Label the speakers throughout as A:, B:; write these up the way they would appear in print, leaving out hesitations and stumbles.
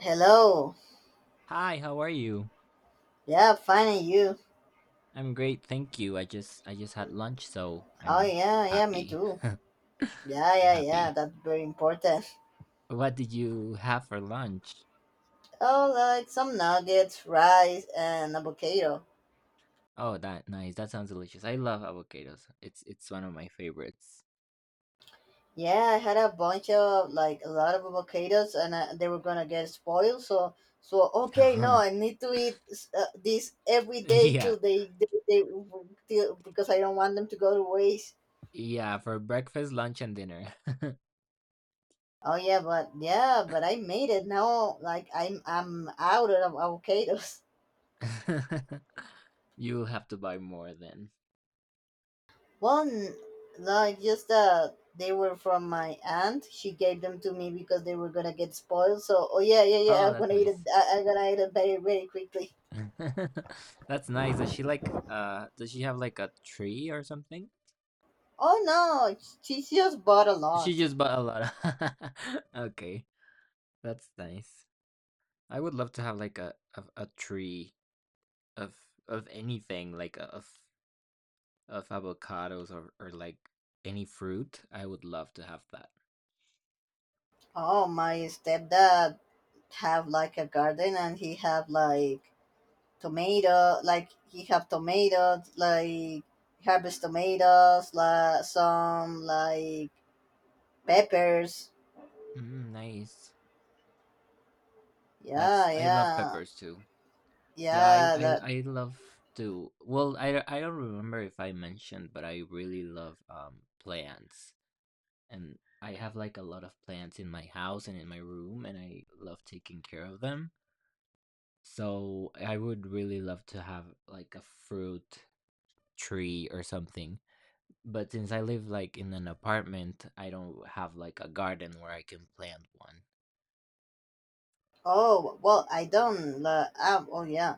A: Hello.
B: Hi, how are you?
A: Yeah, finding you.
B: I'm great, thank you. I just had lunch, so
A: Oh
B: I'm
A: yeah, yeah, me
B: happy.
A: too. Yeah,
B: I'm
A: yeah, yeah.
B: happy.
A: That's very important.
B: What did you have for lunch?
A: Oh, like some nuggets, rice, and avocado.
B: Oh, that nice. That sounds delicious. I love avocados. It's one of my favorites.
A: Yeah, I had a bunch of a lot of avocados, and they were gonna get spoiled. So okay, no, I need to eat this every day
B: Yeah.
A: till because I don't want them to go to waste.
B: Yeah, for breakfast, lunch, and dinner.
A: Oh yeah, but I made it now. Like I'm out of avocados.
B: You have to buy more then.
A: Well, no, it's just that they were from my aunt. She gave them to me because they were gonna get spoiled. So, oh yeah, yeah, yeah.
B: Oh,
A: I'm
B: that's
A: gonna eat it.
B: nice.
A: I'm gonna eat it very, very quickly.
B: That's nice. Does she like does she have like a tree or something?
A: Oh no, she just bought a
B: She
A: lot.
B: just bought a lot. Okay. That's nice. I would love to have like a tree of anything like of of avocados or like any fruit. I would love to have that.
A: Oh, my stepdad have like a garden, and he have like tomato, like he have tomatoes, like harvest tomatoes, like some like peppers.
B: Mm, nice.
A: Yeah,
B: That's, I love
A: yeah,
B: peppers too. Yeah, I I
A: yeah.
B: I love to. Well, I don't remember if I mentioned, but I really love plants, and I have like a lot of plants in my house and in my room, and I love taking care of them. So I would really love to have like a fruit tree or something. But since I live like in an apartment, I don't have like a garden where I can plant one.
A: Oh, well, I don't. Oh, yeah.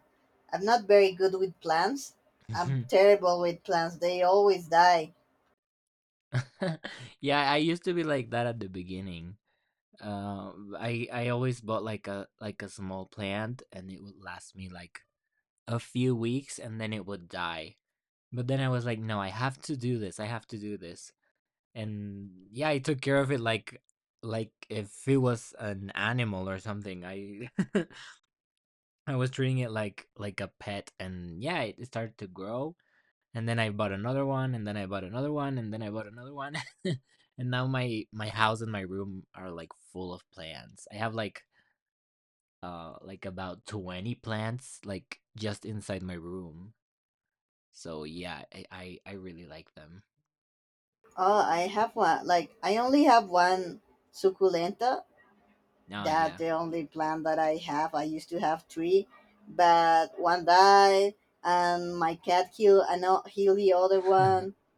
A: I'm not very good with plants. I'm terrible with plants. They always die.
B: Yeah, I used to be like that at the beginning. Uh, I always bought like a small plant, and it would last me like a few weeks, and then it would die. But then I was like, no, I have to do this. I have to do this. And yeah, I took care of it like if it was an animal or something. I I was treating it like a pet, and yeah, it started to grow. And then I bought another one, and then I bought another one, and then I bought another one. And now my house and my room are like full of plants. I have like like about 20 plants like just inside my room, so yeah, I really like them.
A: Oh, I have one. Like, I only have one succulenta.
B: Oh
A: That
B: yeah.
A: the only plant that I have. I used to have 3, but one died, and my cat killed and healed the other one.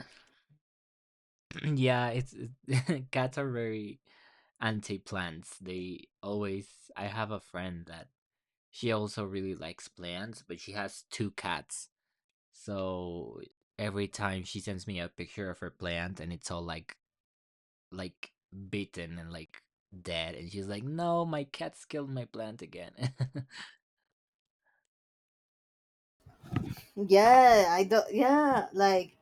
B: Yeah, it's cats are very anti plants. They always, I have a friend that, she also really likes plants, but she has two cats, so every time she sends me a picture of her plant and it's all like bitten and like dead, and she's like, "No, my cats killed my plant again."
A: Yeah, I don't. Yeah,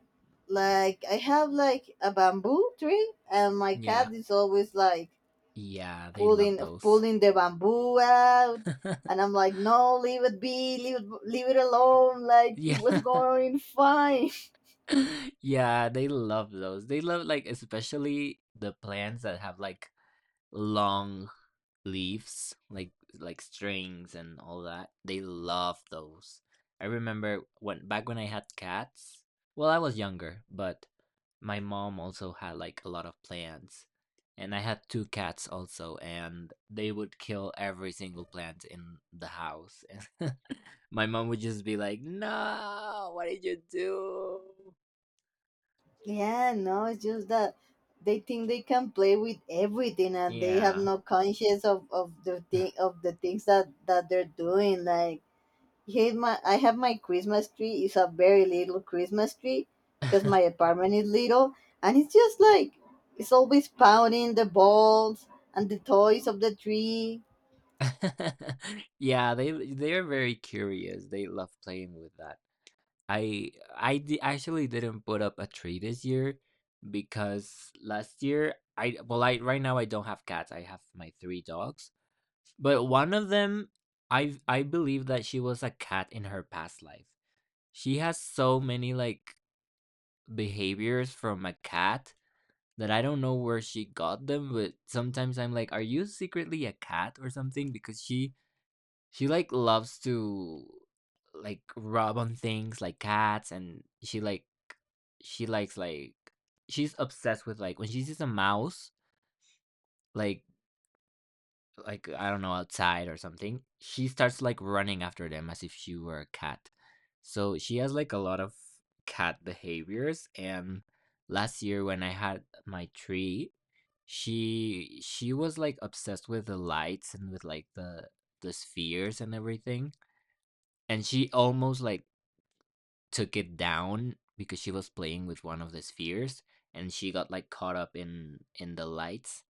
A: like I have like a bamboo tree, and my cat
B: Yeah.
A: is always like
B: Yeah, they
A: pulling
B: love those.
A: pulling the bamboo out, and I'm like, no, leave it be, leave it alone. Like, it
B: Yeah.
A: was going fine.
B: Yeah, they love those. They love, like, especially the plants that have, like, long leaves, like strings and all that. They love those. I remember when back when I had cats. Well, I was younger, but my mom also had like a lot of plants. And I had two cats also, and they would kill every single plant in the house. And my mom would just be like, "No, what did you do?"
A: yeah, no, it's just that they think they can play with everything, and they have
B: Yeah.
A: no conscience of the thing of the things that they're doing. Like, here's my, I have my Christmas tree. It's a very little Christmas tree because my apartment is little, and it's just like, it's always pounding the balls and the toys of the tree.
B: Yeah, they they're very curious. They love playing with that. I actually didn't put up a tree this year because last year I, well, I right now I don't have cats. I have my three dogs. But one of them, I believe that she was a cat in her past life. She has so many like behaviors from a cat that I don't know where she got them, but sometimes I'm like, are you secretly a cat or something? Because she like loves to like rub on things like cats, and she like she likes like she's obsessed with like when she sees a mouse like like I don't know outside or something, she starts like running after them as if she were a cat. So she has like a lot of cat behaviors and last year when I had my tree, she was like obsessed with the lights and with like the spheres and everything, and she almost like took it down because she was playing with one of the spheres and she got like caught up in the lights,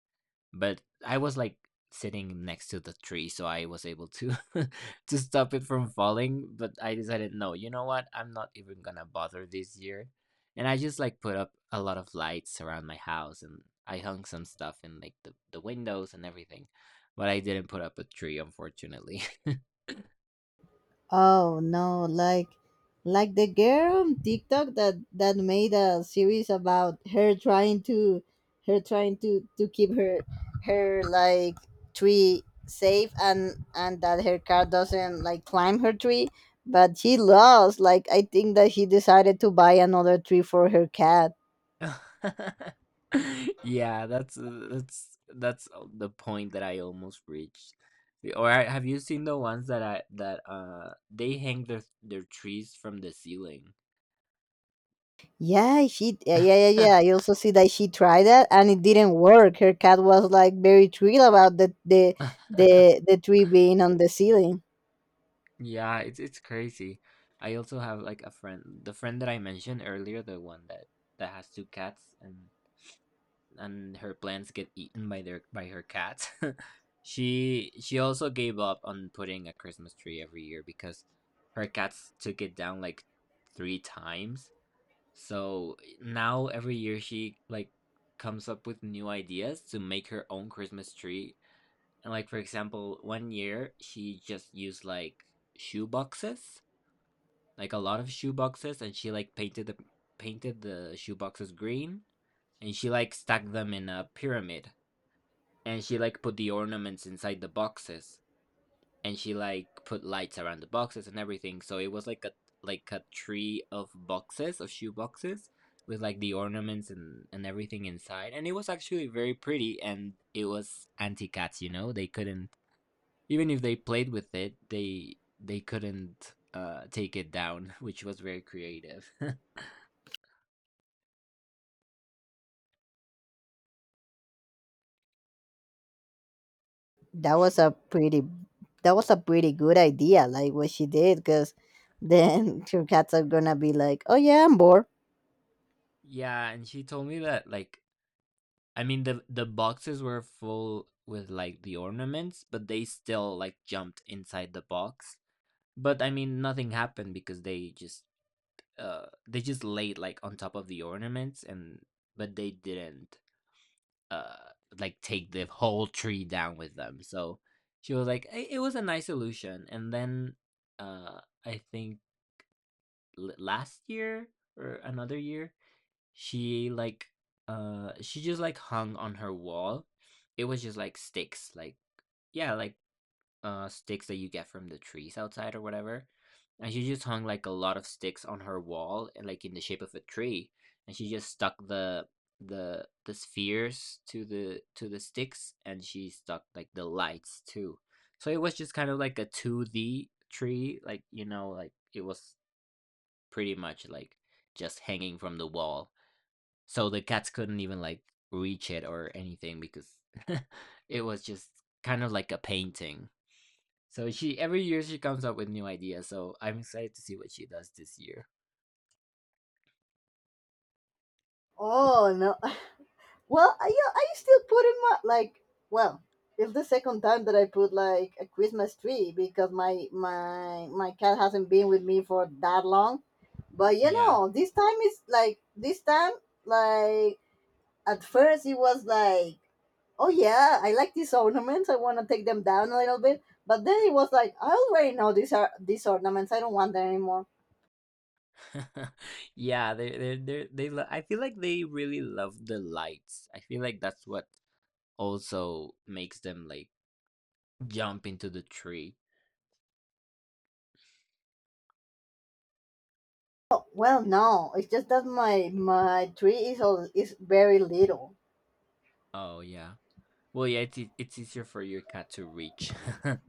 B: but I was like sitting next to the tree, so I was able to to stop it from falling. But I decided, no, you know what, I'm not even gonna bother this year, and I just like put up a lot of lights around my house and I hung some stuff in like the windows and everything, but I didn't put up a tree, unfortunately.
A: Oh no, like the girl on TikTok that made a series about her trying to keep her tree safe, and that her car doesn't like climb her tree, but she lost. Like, I think that he decided to buy another tree for her cat.
B: Yeah, that's the point that I almost reached. Have you seen the ones that I that they hang their trees from the ceiling?
A: Yeah, she yeah yeah yeah. Yeah. I also see that she tried that and it didn't work. Her cat was like very thrilled about the tree being on the ceiling.
B: Yeah, it's crazy. I also have like a friend, the friend that I mentioned earlier, the one that that has two cats, and her plants get eaten by their by her cats. She also gave up on putting a Christmas tree every year because her cats took it down like three times. So now every year she like comes up with new ideas to make her own Christmas tree. And like for example, one year she just used like shoe boxes, like a lot of shoe boxes, and she like painted the shoe boxes green, and she like stacked them in a pyramid, and she like put the ornaments inside the boxes, and she like put lights around the boxes and everything, so it was like a tree of boxes of shoe boxes with like the ornaments and everything inside, and it was actually very pretty, and it was anti cats, you know, they couldn't, even if they played with it, they couldn't take it down. Which was very creative.
A: That was a pretty, that was a pretty good idea, like what she did, because then your cats are gonna be like, oh yeah, I'm bored.
B: Yeah, and she told me that like, I mean, the boxes were full with like the ornaments, but they still like jumped inside the box. But I mean nothing happened because they just laid like on top of the ornaments and but they didn't uh like take the whole tree down with them. So she was like it was a nice solution. And then I think last year or another year, she, like, she just, like, hung on her wall. It was just, like, sticks, like, yeah, like, sticks that you get from the trees outside or whatever, and she just hung, like, a lot of sticks on her wall and, like, in the shape of a tree, and she just stuck the the spheres to the sticks, and she stuck, like, the lights too. So it was just kind of like a 2D tree, like, you know, like, it was pretty much, like, just hanging from the wall. So the cats couldn't even like reach it or anything because it was just kind of like a painting. So she every year she comes up with new ideas. So I'm excited to see what she does this year.
A: Oh no, well, I yeah, I still put in my like, well, it's the second time that I put like a Christmas tree, because my cat hasn't been with me for that long. But you
B: Yeah.
A: know, this time is like, this time, like at first it was like, oh yeah, I like these ornaments. I want to take them down a little bit. But then it was like, I already know these ornaments. I don't want them anymore.
B: Yeah, they I feel like they really love the lights. I feel like that's what also makes them like jump into the tree.
A: Oh, well, no, it's just that my tree is all, is very little.
B: Oh yeah. Well, yeah, it's easier for your cat to reach.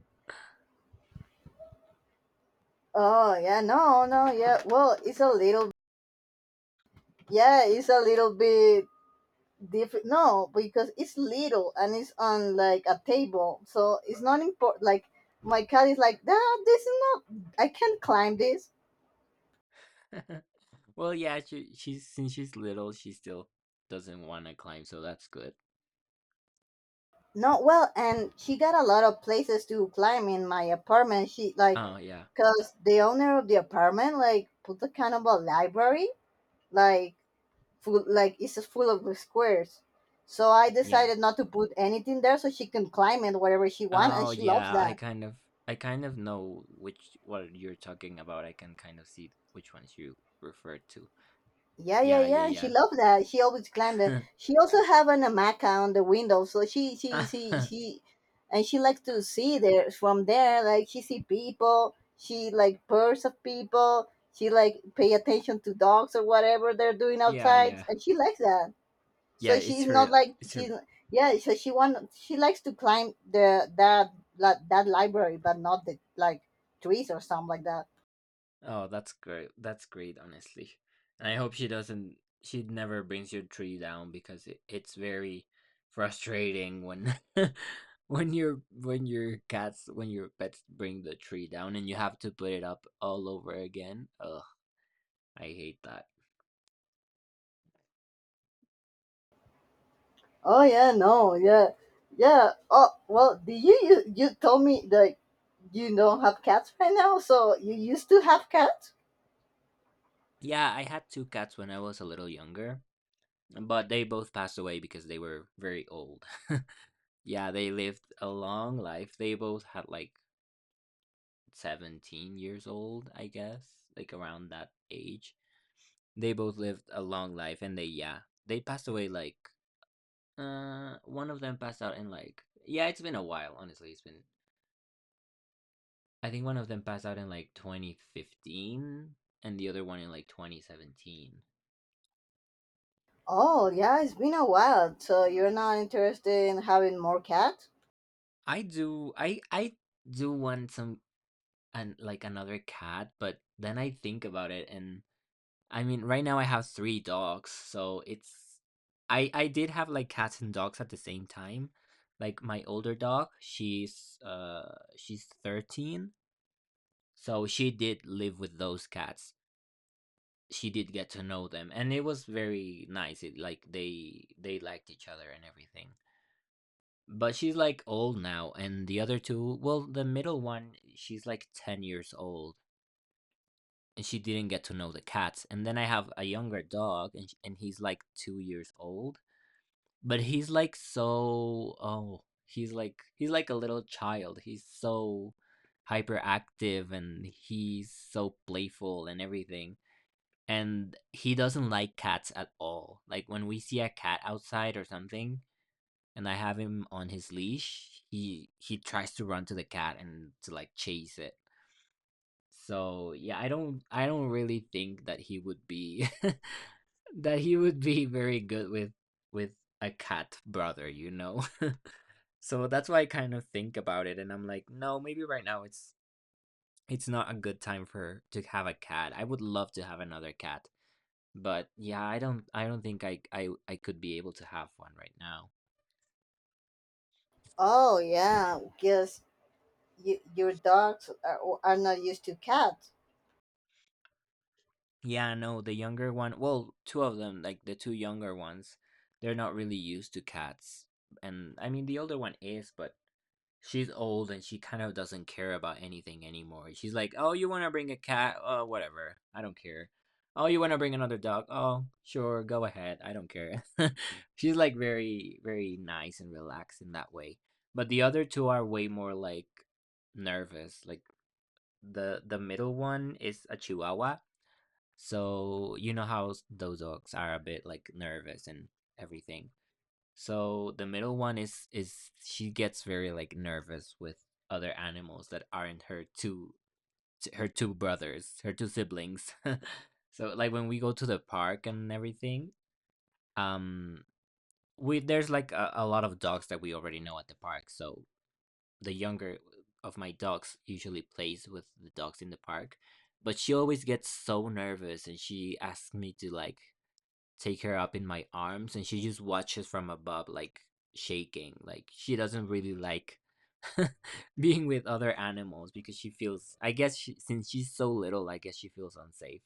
A: Oh yeah, no, no, yeah. Well, it's a little, yeah, it's a little bit different. No, because it's little and it's on like a table, so it's not important. Like, my cat is like, that. This is not. I can't climb this.
B: Well, yeah, she's since she's little, she still doesn't want to climb, so that's good.
A: No, well, and she got a lot of places to climb in my apartment. She like,
B: Oh yeah,
A: cause the owner of the apartment like put a kind of a library, like full, like it's just full of squares. So I
B: yeah.
A: decided not to put anything there, so she can climb it wherever she want, and
B: Oh
A: she loves
B: yeah,
A: that.
B: I kind of know which what you're talking about. I can kind of see which ones you refer to.
A: Yeah, yeah,
B: Yeah,
A: yeah. She
B: yeah,
A: loved that. She always climbed it.
B: yeah.
A: She also have an hamaca on the window, so and she likes to see there from there. Like, she see people. She like birds of people. She like pay attention to dogs or whatever they're doing
B: Yeah,
A: outside,
B: yeah.
A: and she likes that.
B: Yeah,
A: So
B: it's
A: she's not
B: her
A: like
B: it's
A: she's
B: her
A: yeah. So she want, she likes to climb that library, but not the like trees or something like that.
B: Oh, that's great. That's great, honestly. And I hope she doesn't, she never brings your tree down because it, it's very frustrating when when your cats when your pets bring the tree down and you have to put it up all over again. Ugh, I hate that.
A: Oh yeah, no, yeah, yeah. Oh well, do you, you told me that you don't have cats right now? So you used to have cats?
B: Yeah, I had two cats when I was a little younger, but they both passed away because they were very old. Yeah, they lived a long life. They both had like 17 years old, I guess, like around that age. They both lived a long life and they, yeah, they passed away like, one of them passed out in like, yeah, it's been a while, honestly. It's been, I think one of them passed out in like 2015 and the other one in like 2017.
A: Oh yeah, it's been a while. So you're not interested in having more cats?
B: I do want some, and like another cat, but then I think about it and I mean, right now I have 3 dogs, so it's I did have, like, cats and dogs at the same time. Like, my older dog, she's 13, so she did live with those cats. She did get to know them, and it was very nice. It, like, they liked each other and everything. But she's, like, old now, and the other two, well, the middle one, she's, like, 10 years old, and she didn't get to know the cats. And then I have a younger dog, and he's, like, 2 years old. But he's like so oh, he's like a little child. He's so hyperactive and he's so playful and everything. And he doesn't like cats at all. Like when we see a cat outside or something and I have him on his leash, he tries to run to the cat and to like chase it. So, yeah, I don't really think that he would be that he would be very good with with a cat brother. So that's why I kind of think about it and I'm like, no, maybe right now it's not a good time for to have a cat. I would love to have another cat, but yeah, I don't think I could be able to have one right now.
A: Oh yeah, because your dogs are not used to cats.
B: Yeah, no, the younger one, well, two of them, like the two younger ones, they're not really used to cats. And I mean, the older one is, but she's old and she kind of doesn't care about anything anymore. She's like, "Oh, you wanna bring a cat? Oh, whatever. I don't care. Oh, you wanna bring another dog? Oh, sure, go ahead. I don't care." She's like very, very nice and relaxed in that way. But the other two are way more like nervous. Like the middle one is a Chihuahua. So you know how those dogs are a bit like nervous and everything. So the middle one is she gets very like nervous with other animals that aren't her two brothers, her two siblings. So like when we go to the park and everything, um we there's like a lot of dogs that we already know at the park. So the younger of my dogs usually plays with the dogs in the park, but she always gets so nervous and she asks me to like take her up in my arms and she just watches from above like shaking like she doesn't really like being with other animals because she feels I guess since she's so little I guess she feels unsafe.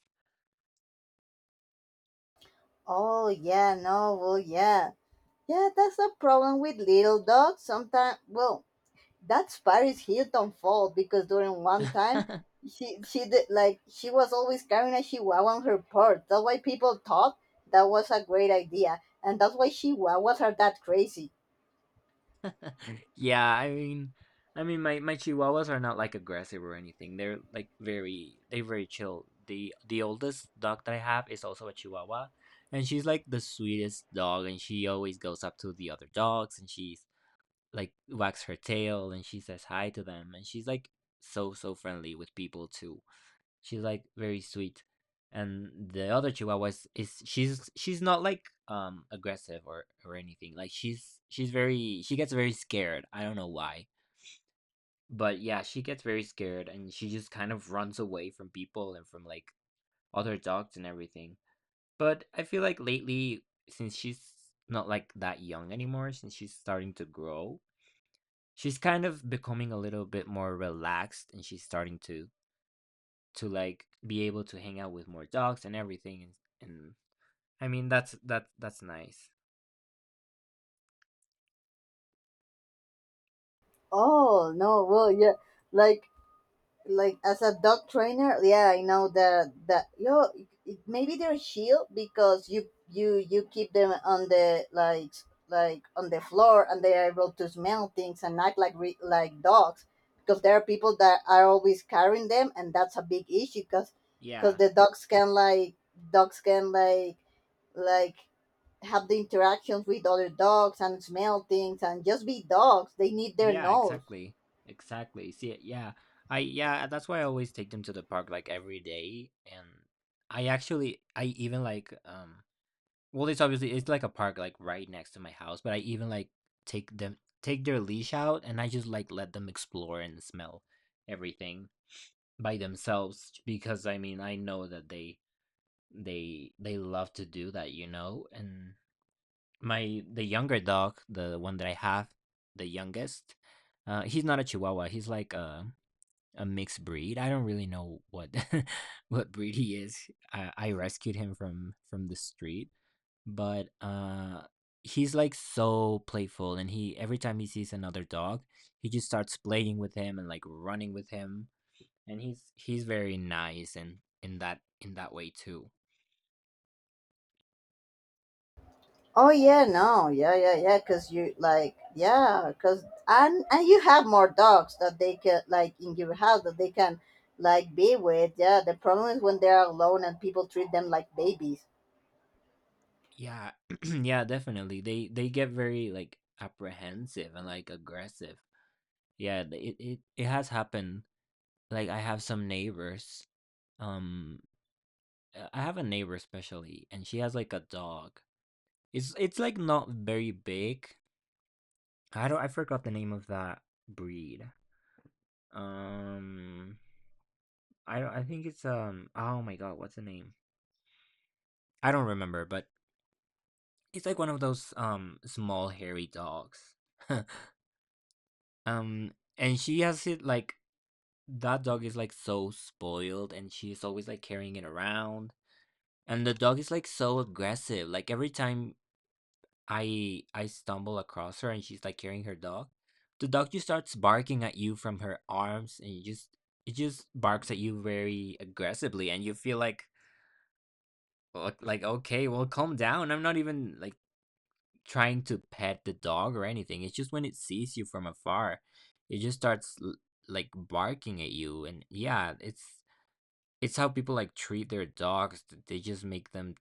A: Oh yeah, no, well yeah, yeah. That's a problem with little dogs. Sometimes, well, that's Paris Hilton fault, because during one time she did like, she was always carrying a chihuahua on her purse. That's why people thought that was a great idea, and that's why chihuahuas are that crazy.
B: Yeah, I mean, my chihuahuas are not like aggressive or anything, they're very chill. The oldest dog that I have is also a chihuahua, and she's like the sweetest dog, and she always goes up to the other dogs and she's. Like wags her tail and she says hi to them, and she's like so friendly with people too. She's like very sweet. And the other chihuahua is she's not like aggressive or anything. Like she gets very scared, I don't know why, but yeah, she gets very scared and she just kind of runs away from people and from like other dogs and everything. But I feel like lately, since she's not like that young anymore, since she's starting to grow, she's kind of becoming a little bit more relaxed, and she's starting to like be able to hang out with more dogs and everything, and I mean, that's nice.
A: Oh no, well yeah, like like as a dog trainer, yeah, I know that yo, maybe they're shield because you keep them on the like on the floor, and they're able to smell things and act like like dogs, because there are people that are always carrying them, and that's a big issue because,
B: Yeah,
A: the dogs can like, dogs can like like have the interactions with other dogs and smell things and just be dogs. They need their
B: yeah,
A: nose.
B: exactly, exactly, see, yeah. I Yeah, that's why I always take them to the park like every day. And I even like, well, it's like a park like right next to my house, but I even like take their leash out and I just like let them explore and smell everything by themselves, because I mean, I know that they love to do that, you know? And my the younger dog, the one that I have, the youngest, he's not a chihuahua. He's like a mixed breed. I don't really know what what breed he is. I rescued him from the street, but he's like so playful, and he every time he sees another dog, he just starts playing with him and like running with him, and he's very nice and in that way too.
A: Oh yeah, no, yeah, yeah, yeah. Cause you like, yeah, cause and you have more dogs that they can like in your house that they can like be with. Yeah, the problem is when they are alone and people treat them like babies.
B: Yeah, yeah, definitely, they get very like apprehensive and like aggressive. Yeah, it has happened. Like I have some neighbors, um I have a neighbor especially, and she has like a dog. It's like not very big. I don't i forgot the name of that breed. um I don't I think it's, oh my god, what's the name? I don't remember, but it's like one of those small hairy dogs. And she has it like that dog is like so spoiled, and she's always like carrying it around. And the dog is like so aggressive. Like every time I stumble across her and she's like carrying her dog, the dog just starts barking at you from her arms, and you just it just barks at you very aggressively, and you feel like okay, well, calm down. I'm not even like trying to pet the dog or anything. It's just when it sees you from afar, it just starts like barking at you. And yeah, it's how people like treat their dogs. They just make them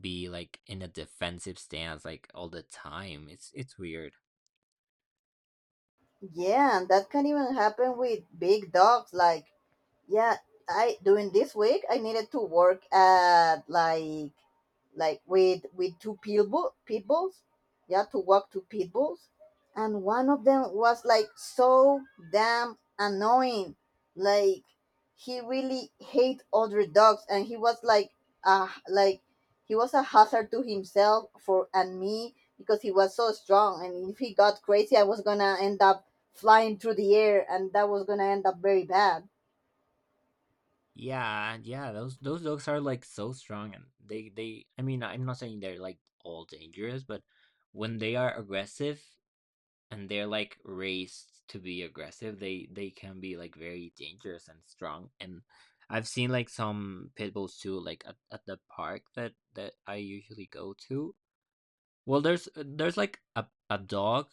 B: be like in a defensive stance like all the time. It's weird.
A: Yeah, and that can even happen with big dogs. Like yeah, I during this week I needed to work at like with pit bulls, yeah, to walk two pit bulls. And one of them was like so damn annoying. Like, he really hate other dogs, and he was like like, he was a hazard to himself for and me, because he was so strong, and if he got crazy I was gonna end up flying through the air, and that was gonna end up very bad.
B: Yeah, yeah, those dogs are like so strong, and they I mean, I'm not saying they're like all dangerous, but when they are aggressive, and they're like raised to be aggressive, they can be like very dangerous and strong. And I've seen like some pit bulls too, like at the park that I usually go to. Well, there's like a dog,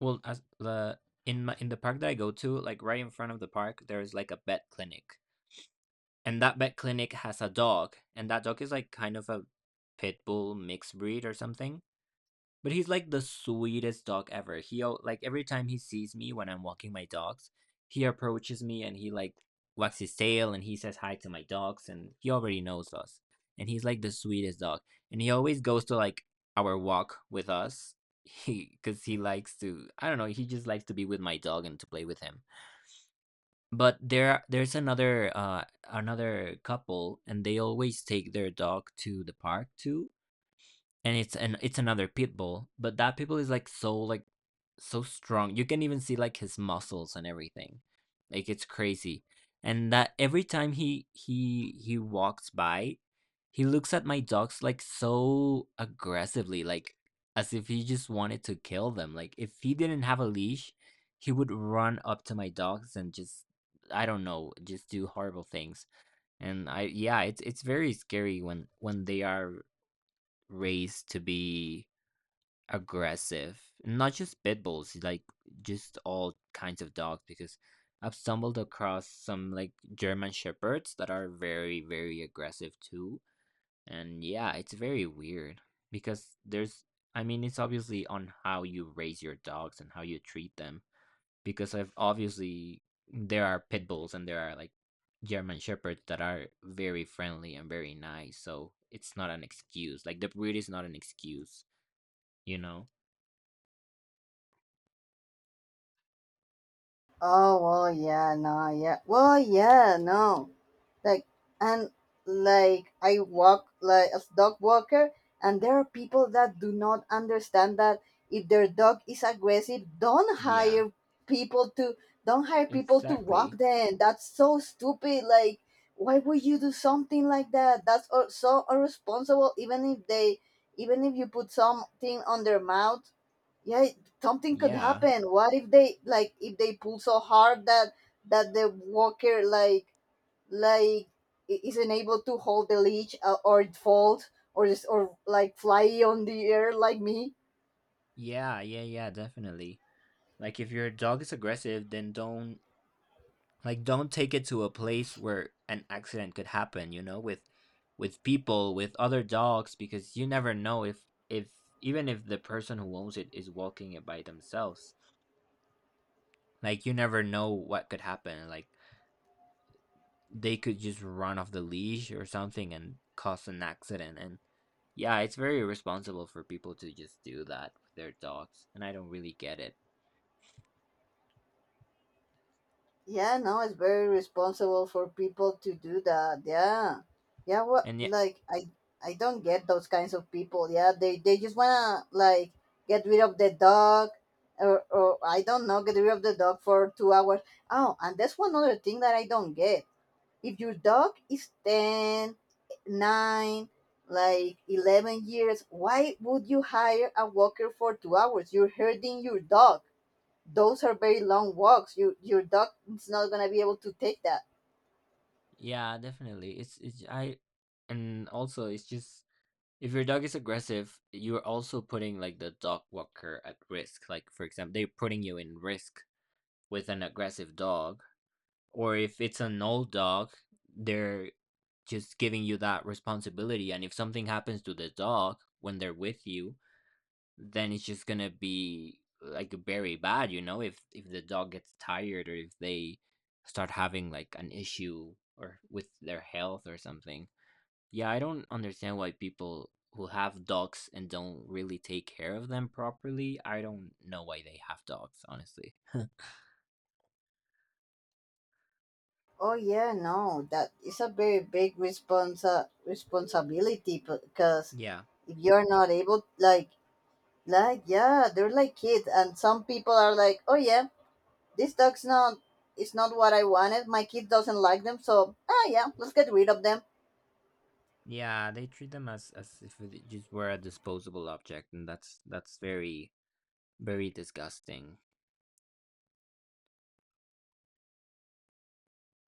B: well, as the in the park that I go to, like right in front of the park there's like a vet clinic, and that vet clinic has a dog, and that dog is like kind of a pit bull mixed breed or something, but he's like the sweetest dog ever. Like every time he sees me when I'm walking my dogs, he approaches me and he like wags his tail and he says hi to my dogs and he already knows us. And he's like the sweetest dog. And he always goes to like our walk with us. He cuz he likes to, I don't know, he just likes to be with my dog and to play with him. But there's another another couple, and they always take their dog to the park too, and it's another pit bull, but that pit bull is like so strong. You can even see like his muscles and everything. Like it's crazy. And that every time he walks by, he looks at my dogs like so aggressively, like as if he just wanted to kill them. Like if he didn't have a leash, he would run up to my dogs and just, I don't know, just do horrible things. And I yeah, it's very scary when they are raised to be aggressive. Not just pit bulls, like just all kinds of dogs, because I've stumbled across some like German shepherds that are very very aggressive too. And yeah, it's very weird because there's I mean, it's obviously on how you raise your dogs and how you treat them, because I've obviously there are pit bulls and there are like German shepherds that are very friendly and very nice. So it's not an excuse. Like the breed is not an excuse, you know?
A: Oh well, yeah, no, yeah, well, yeah, no, like, and like I walk like as dog walker, and there are people that do not understand that if their dog is aggressive,
B: Yeah,
A: people to don't hire people to walk
B: exactly.
A: them. That's so stupid. Like, why would you do something like that? That's so irresponsible. Even if they, even if you put something on their mouth, yeah, something could
B: Yeah,
A: happen. What if they like, if they pull so hard that the walker like isn't able to hold the leash, or it falls, or just or like fly on the air like me.
B: yeah, yeah, yeah, definitely. Like if your dog is aggressive, then don't take it to a place where an accident could happen, with people, with other dogs, because you never know if even if the person who owns it is walking it by themselves. Like you never know what could happen. Like they could just run off the leash or something and cause an accident. And yeah, it's very irresponsible for people to just do that with their dogs, and I don't really get it.
A: Yeah, no, it's very responsible for people to do that. Yeah, yeah. What,
B: And yeah,
A: like I don't get those kinds of people. Yeah, they just wanna like get rid of the dog, or I don't know, get rid of the dog for 2 hours. Oh, and that's one other thing that I don't get. If your dog is 10, 9, like 11 years, why would you hire a walker for 2 hours? You're hurting your dog. Those are very long walks. You, your dog is not gonna be able to take that.
B: yeah, definitely. It's and also it's just, if your dog is aggressive, you're also putting like the dog walker at risk. Like for example, they're putting you in risk with an aggressive dog, or if it's an old dog, they're just giving you that responsibility. And if something happens to the dog when they're with you, then it's just gonna be like very bad, if the dog gets tired or if they start having like an issue or with their health or something. Yeah, I don't understand why people who have dogs and don't really take care of them properly. I don't know why they have dogs, honestly.
A: Oh yeah, no, that is a very big responsa responsibility, because
B: Yeah.
A: if you're not able, like yeah, they're like kids, and some people are like, oh yeah, this dog's not, it's not what I wanted. My kid doesn't like them, so ah yeah, let's get rid of them.
B: Yeah, they treat them as if it just were a disposable object, and that's very very disgusting.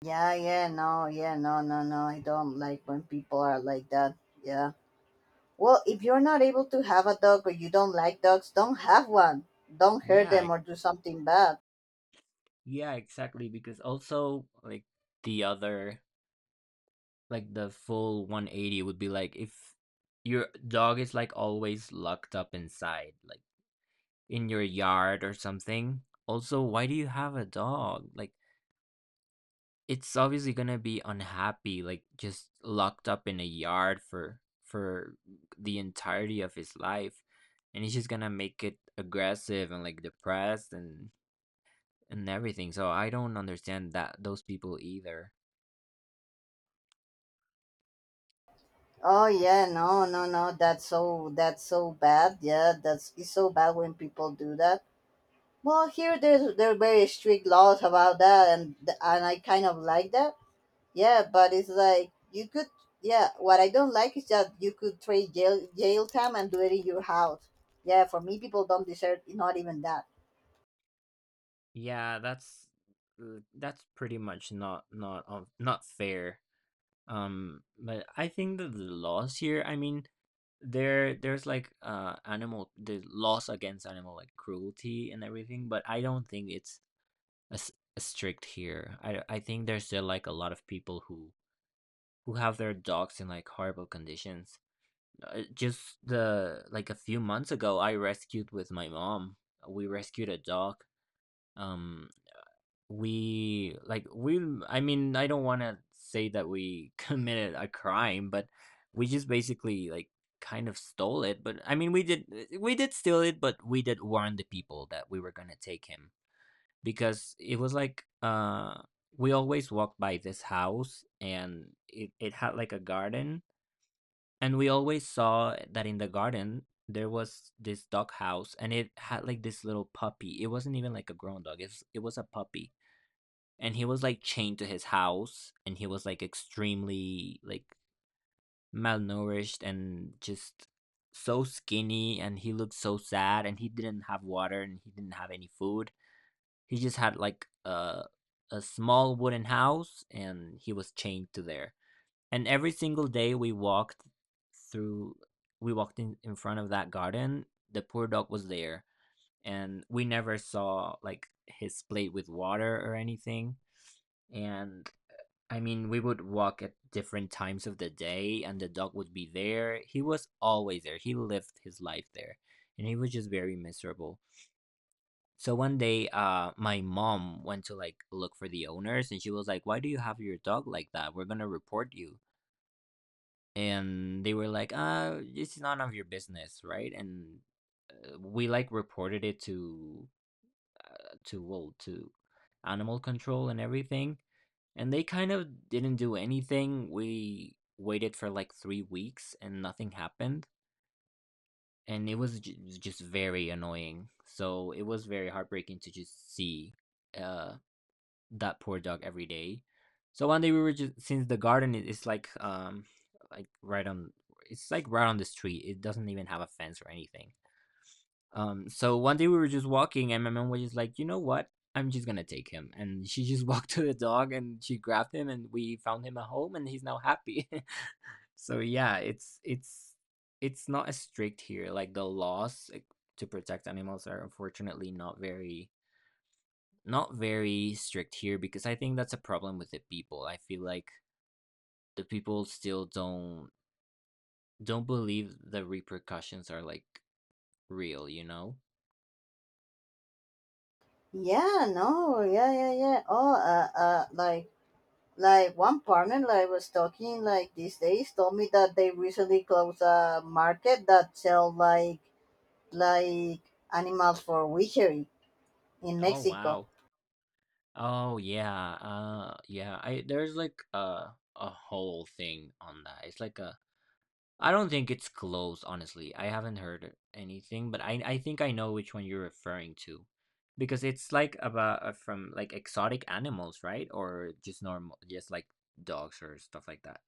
A: Yeah, yeah, no, yeah, no, no, no. I don't like when people are like that. Yeah. Well, if you're not able to have a dog or you don't like dogs, don't have one. Don't hurt
B: Yeah,
A: them
B: e-
A: or do something bad.
B: yeah, exactly. Because also, like, the other, like, the full 180 would be like if your dog is, like, always locked up inside, like, in your yard or something. Also, why do you have a dog? Like, it's obviously gonna be unhappy, like, just locked up in a yard for the entirety of his life. And he's just gonna make it aggressive and, like, depressed. And everything. So I don't understand that those people either.
A: Oh yeah, no, no, no. That's so, that's so bad. Yeah, that's, it's so bad when people do that. Well, here there's, there are very strict laws about that, and I kind of like that. Yeah, but it's like you could. Yeah, what I don't like is that you could trade jail time and do it in your house. Yeah, for me, people don't deserve not even that.
B: Yeah, that's pretty much not fair. But I think that the laws here, I mean, there's like animal the laws against animal like cruelty and everything, but I don't think it's as as strict here. I think there's still like a lot of people who have their dogs in like horrible conditions. Just the like a few months ago, I rescued with my mom. We rescued a dog. Um, we like we. I mean, I don't want to say that we committed a crime, but we just basically like kind of stole it. But I mean, we did steal it, but we did warn the people that we were gonna take him because it was we always walked by this house and it had like a garden and we always saw that in the garden there was this dog house and it had like this little puppy. It wasn't even like a grown dog. It was a puppy. And he was like chained to his house, and he was like extremely like malnourished and just so skinny, and he looked so sad, and he didn't have water, and he didn't have any food. He just had like a small wooden house and he was chained to there. And every single day through, we walked in front of that garden, the poor dog was there. And we never saw like his plate with water or anything. And I mean, we would walk at different times of the day and the dog would be there. He was always there. He lived his life there and he was just very miserable. So one day, my mom went to like look for the owners and she was like, "Why do you have your dog like that? We're gonna report you." And they were like, it's none of your business, right?" And we like reported it to uh, to well to animal control and everything, and they kind of didn't do anything. We waited for like 3 weeks and nothing happened. And it was ju- just very annoying. So it was very heartbreaking to just see uh, that poor dog every day. So one day we were just since the garden is like right on it's like right on the street. It doesn't even have a fence or anything. So one day we were just walking and my mom was just like, "You know what? I'm just going to take him." And she just walked to the dog and she grabbed him, and we found him a home and he's now happy. So yeah, it's it's not as strict here. Like the laws like, to protect animals are unfortunately not very not very strict here, because I think that's a problem with the people. I feel like the people still don't believe the repercussions are like real, you know?
A: Yeah, no, yeah, yeah, yeah. Oh, like one partner, that I was talking, like, these days, told me that they recently closed a market that sell like animals for witchery in
B: Oh
A: Mexico.
B: wow. Oh yeah. I there's like a whole thing on that. It's like a I don't think it's closed, honestly. I haven't heard anything, but I think I know which one you're referring to. Because it's like about from like exotic animals, right? Or just normal, just like dogs or stuff like that.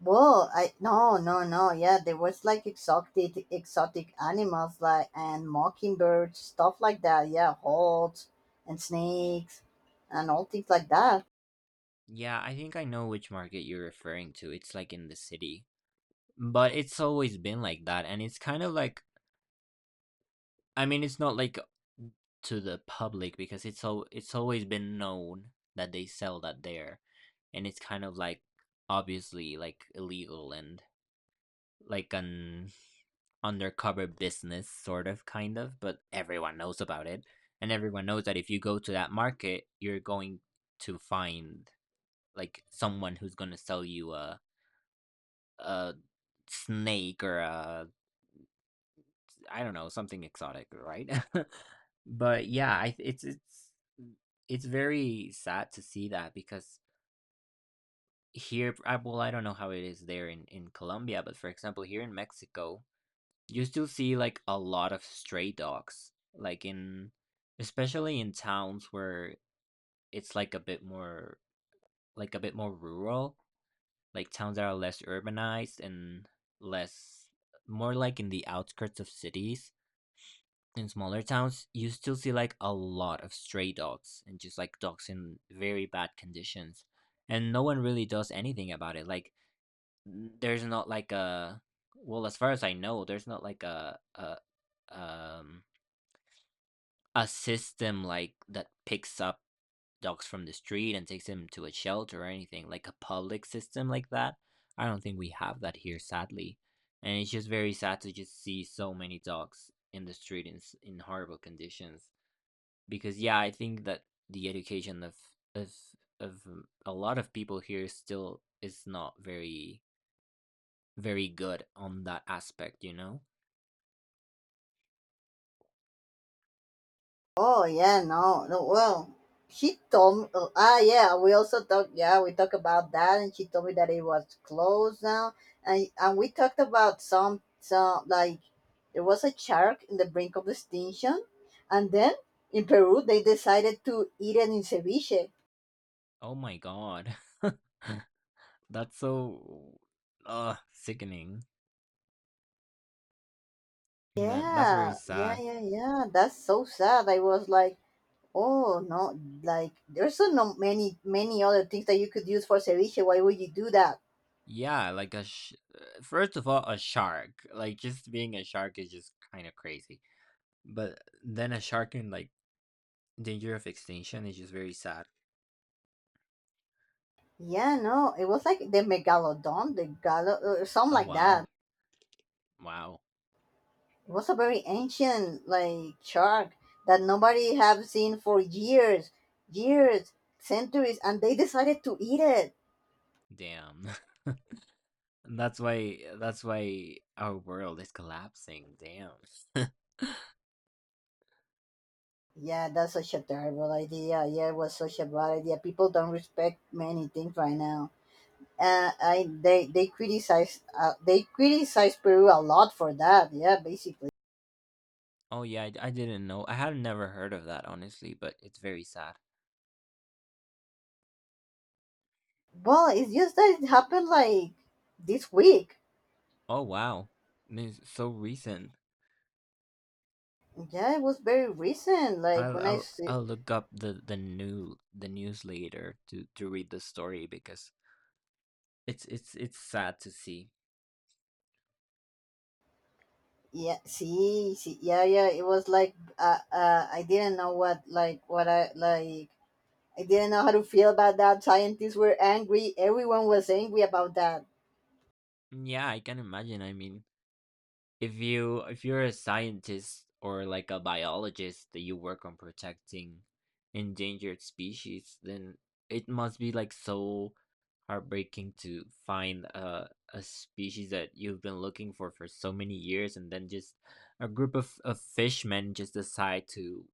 A: Whoa, I no, no, no. Yeah, there was like exotic animals, like, and mockingbirds, stuff like that. Yeah, hawks and snakes, and all things like that.
B: Yeah, I think I know which market you're referring to. It's like in the city. But it's always been like that and it's kind of like I mean it's not like to the public because it's always been known that they sell that there, and it's kind of like obviously like illegal and like an undercover business sort of kind of, but everyone knows about it, and everyone knows that if you go to that market you're going to find like someone who's going to sell you a snake or a I don't know, something exotic, right? But yeah, I it's it's very sad to see that because here, well, I don't know how it is there in Colombia, but for example, here in Mexico, you still see like a lot of stray dogs, like in especially in towns where it's like a bit more like a bit more rural, like towns that are less urbanized and less more like in the outskirts of cities in smaller towns, you still see like a lot of stray dogs and just like dogs in very bad conditions. And no one really does anything about it. Like, there's not like a, well, as far as I know, there's not like um, a system like that picks up dogs from the street and takes them to a shelter or anything, like a public system like that. I don't think we have that here, sadly. And it's just very sad to just see so many dogs in the street in, in horrible conditions, because yeah, I think that the education of of a lot of people here still is not very very good on that aspect, you know?
A: Oh yeah, no, no. Well, she told me. Oh, ah, yeah. We also talked. Yeah, we talked about that, and she told me that it was closed now, and we talked about some like, there was a shark in the brink of extinction, and then in Peru they decided to eat it in ceviche.
B: Oh my God. That's so sickening. That's very
A: Yeah, yeah,
B: sad.
A: yeah, yeah. That's so sad. I was like, oh no, like there's so no many many other things that you could use for ceviche. Why would you do that?
B: Yeah, like first of all, a shark. Like just being a shark is just kind of crazy. But then a shark in like danger of extinction is just very sad.
A: Yeah, no, it was like the megalodon, the galo, or something
B: Oh
A: like that.
B: wow. Wow.
A: It was a very ancient like shark that nobody have seen for years, years, centuries, and they decided to eat it.
B: Damn. And that's why That's why our world is collapsing. Damn.
A: Yeah, that's such a terrible idea. Yeah, it was such a bad idea. People don't respect many things right now. I they they criticize Peru a lot for that. Yeah, basically.
B: Oh yeah, I didn't know. I had never heard of that, honestly, but it's very sad.
A: Well, it's just that it happened like this week.
B: Oh wow, this is so recent.
A: Yeah, it was very recent. Like
B: I'll
A: when I
B: I'll
A: see,
B: I'll look up the new the news later to read the story because it's it's sad to see.
A: yeah, see, see, yeah, yeah. It was like I didn't know what like what I like. I didn't know how to feel about that. Scientists were angry. Everyone was angry about that.
B: Yeah, I can imagine. I mean, if you if you're a scientist or like a biologist that you work on protecting endangered species, then it must be like so heartbreaking to find a species that you've been looking for so many years, and then just a group of fishmen just decide to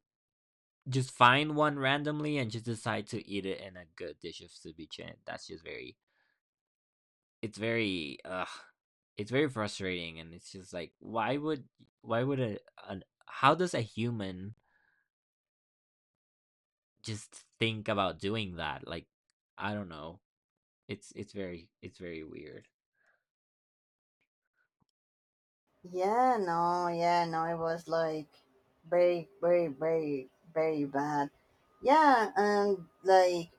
B: just find one randomly and just decide to eat it in a good dish of ceviche, and that's just very it's very uh it's very frustrating, and it's just like why would a an, how does a human just think about doing that like I don't know. It's very it's very weird.
A: Yeah, no, yeah, no. It was like very, very, very, very bad. Yeah, and like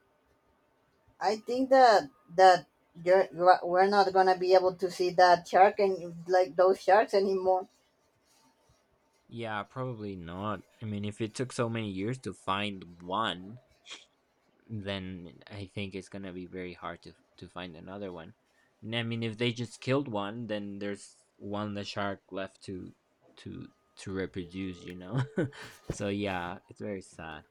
A: I think that you're we're not gonna be able to see that shark and like those sharks anymore.
B: Yeah, probably not. I mean, if it took so many years to find one, then I think it's gonna be very hard to find another one. And I mean, if they just killed one, then there's one the shark left to to reproduce, you know? So yeah, it's very sad.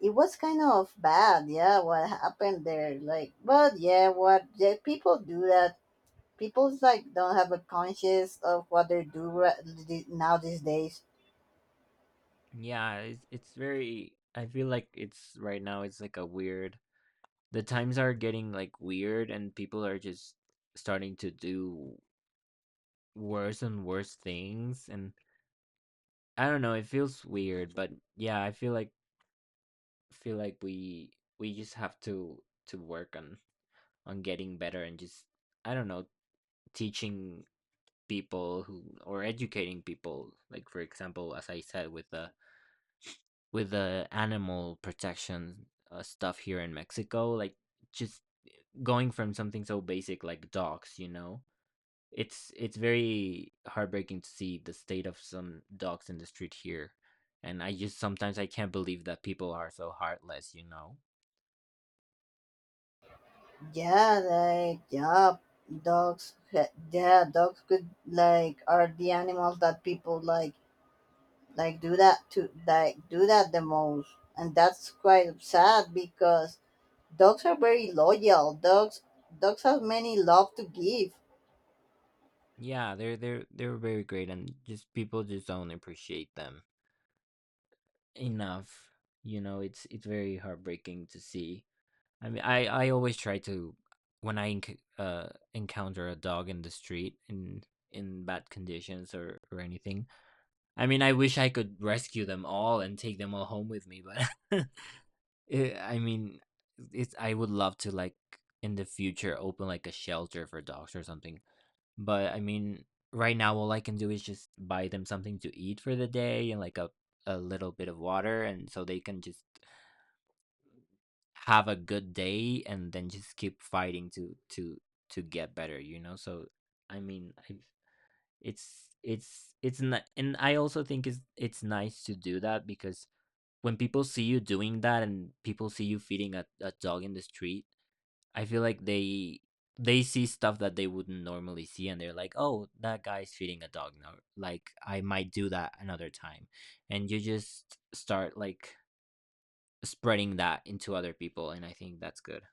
A: It was kind of bad, yeah, what happened there like, but yeah, what yeah, people do that. People like don't have a conscience of what they do right now these days.
B: Yeah, it's very I feel like it's right now it's like a weird the times are getting like weird and people are just starting to do worse and worse things, and I don't know, it feels weird, but yeah, I feel like we just have to work on getting better, and just I don't know, teaching people who or educating people, like for example as I said with the animal protection stuff here in Mexico, like just going from something so basic like dogs, you know. It's very heartbreaking to see the state of some dogs in the street here. And I just sometimes I can't believe that people are so heartless, you know.
A: Yeah, like yeah, dogs, yeah, dogs could like are the animals that people like do that to, like do that the most, and that's quite sad because dogs are very loyal dogs. Dogs have many love to give.
B: Yeah, they're they're very great and just people just don't appreciate them enough. You know, it's very heartbreaking to see. I mean, I always try to when encounter a dog in the street in bad conditions or anything. I mean, I wish I could rescue them all and take them all home with me, but I mean, it's I would love to like in the future open like a shelter for dogs or something. But I mean, right now all I can do is just buy them something to eat for the day and like a little bit of water and so they can just have a good day and then just keep fighting to get better, you know, so i mean I, it's it's not, and I also think it's nice to do that because when people see you doing that and people see you feeding a dog in the street, I feel like they see stuff that they wouldn't normally see and they're like oh that guy's feeding a dog now like I might do that another time. And you just start like spreading that into other people and I think that's good.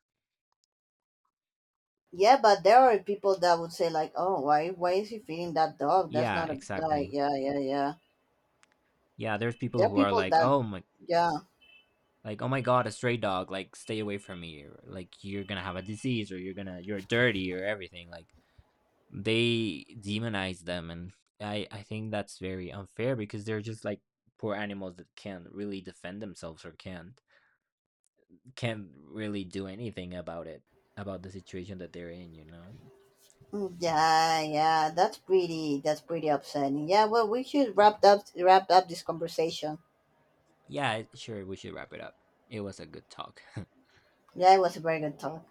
A: Yeah, but there are people that would say like, "Oh, why is he feeding that dog? That's
B: Yeah,
A: not a
B: exactly.
A: like, yeah, yeah, yeah."
B: Yeah, there's people
A: There are
B: who are
A: people
B: like,
A: that, yeah,
B: "Like, oh my God, a stray dog! Like, stay away from me! Or, like, you're gonna have a disease, or you're gonna, you're dirty, or everything." Like, they demonize them, and I think that's very unfair because they're just like poor animals that can't really defend themselves or can't really do anything about it, about the situation that they're in. You know?
A: mm, yeah, yeah. That's pretty, that's pretty upsetting. Yeah. Well, we should wrap up this conversation.
B: Yeah, sure. We should wrap it up. It was a good talk.
A: Yeah, it was a very good talk.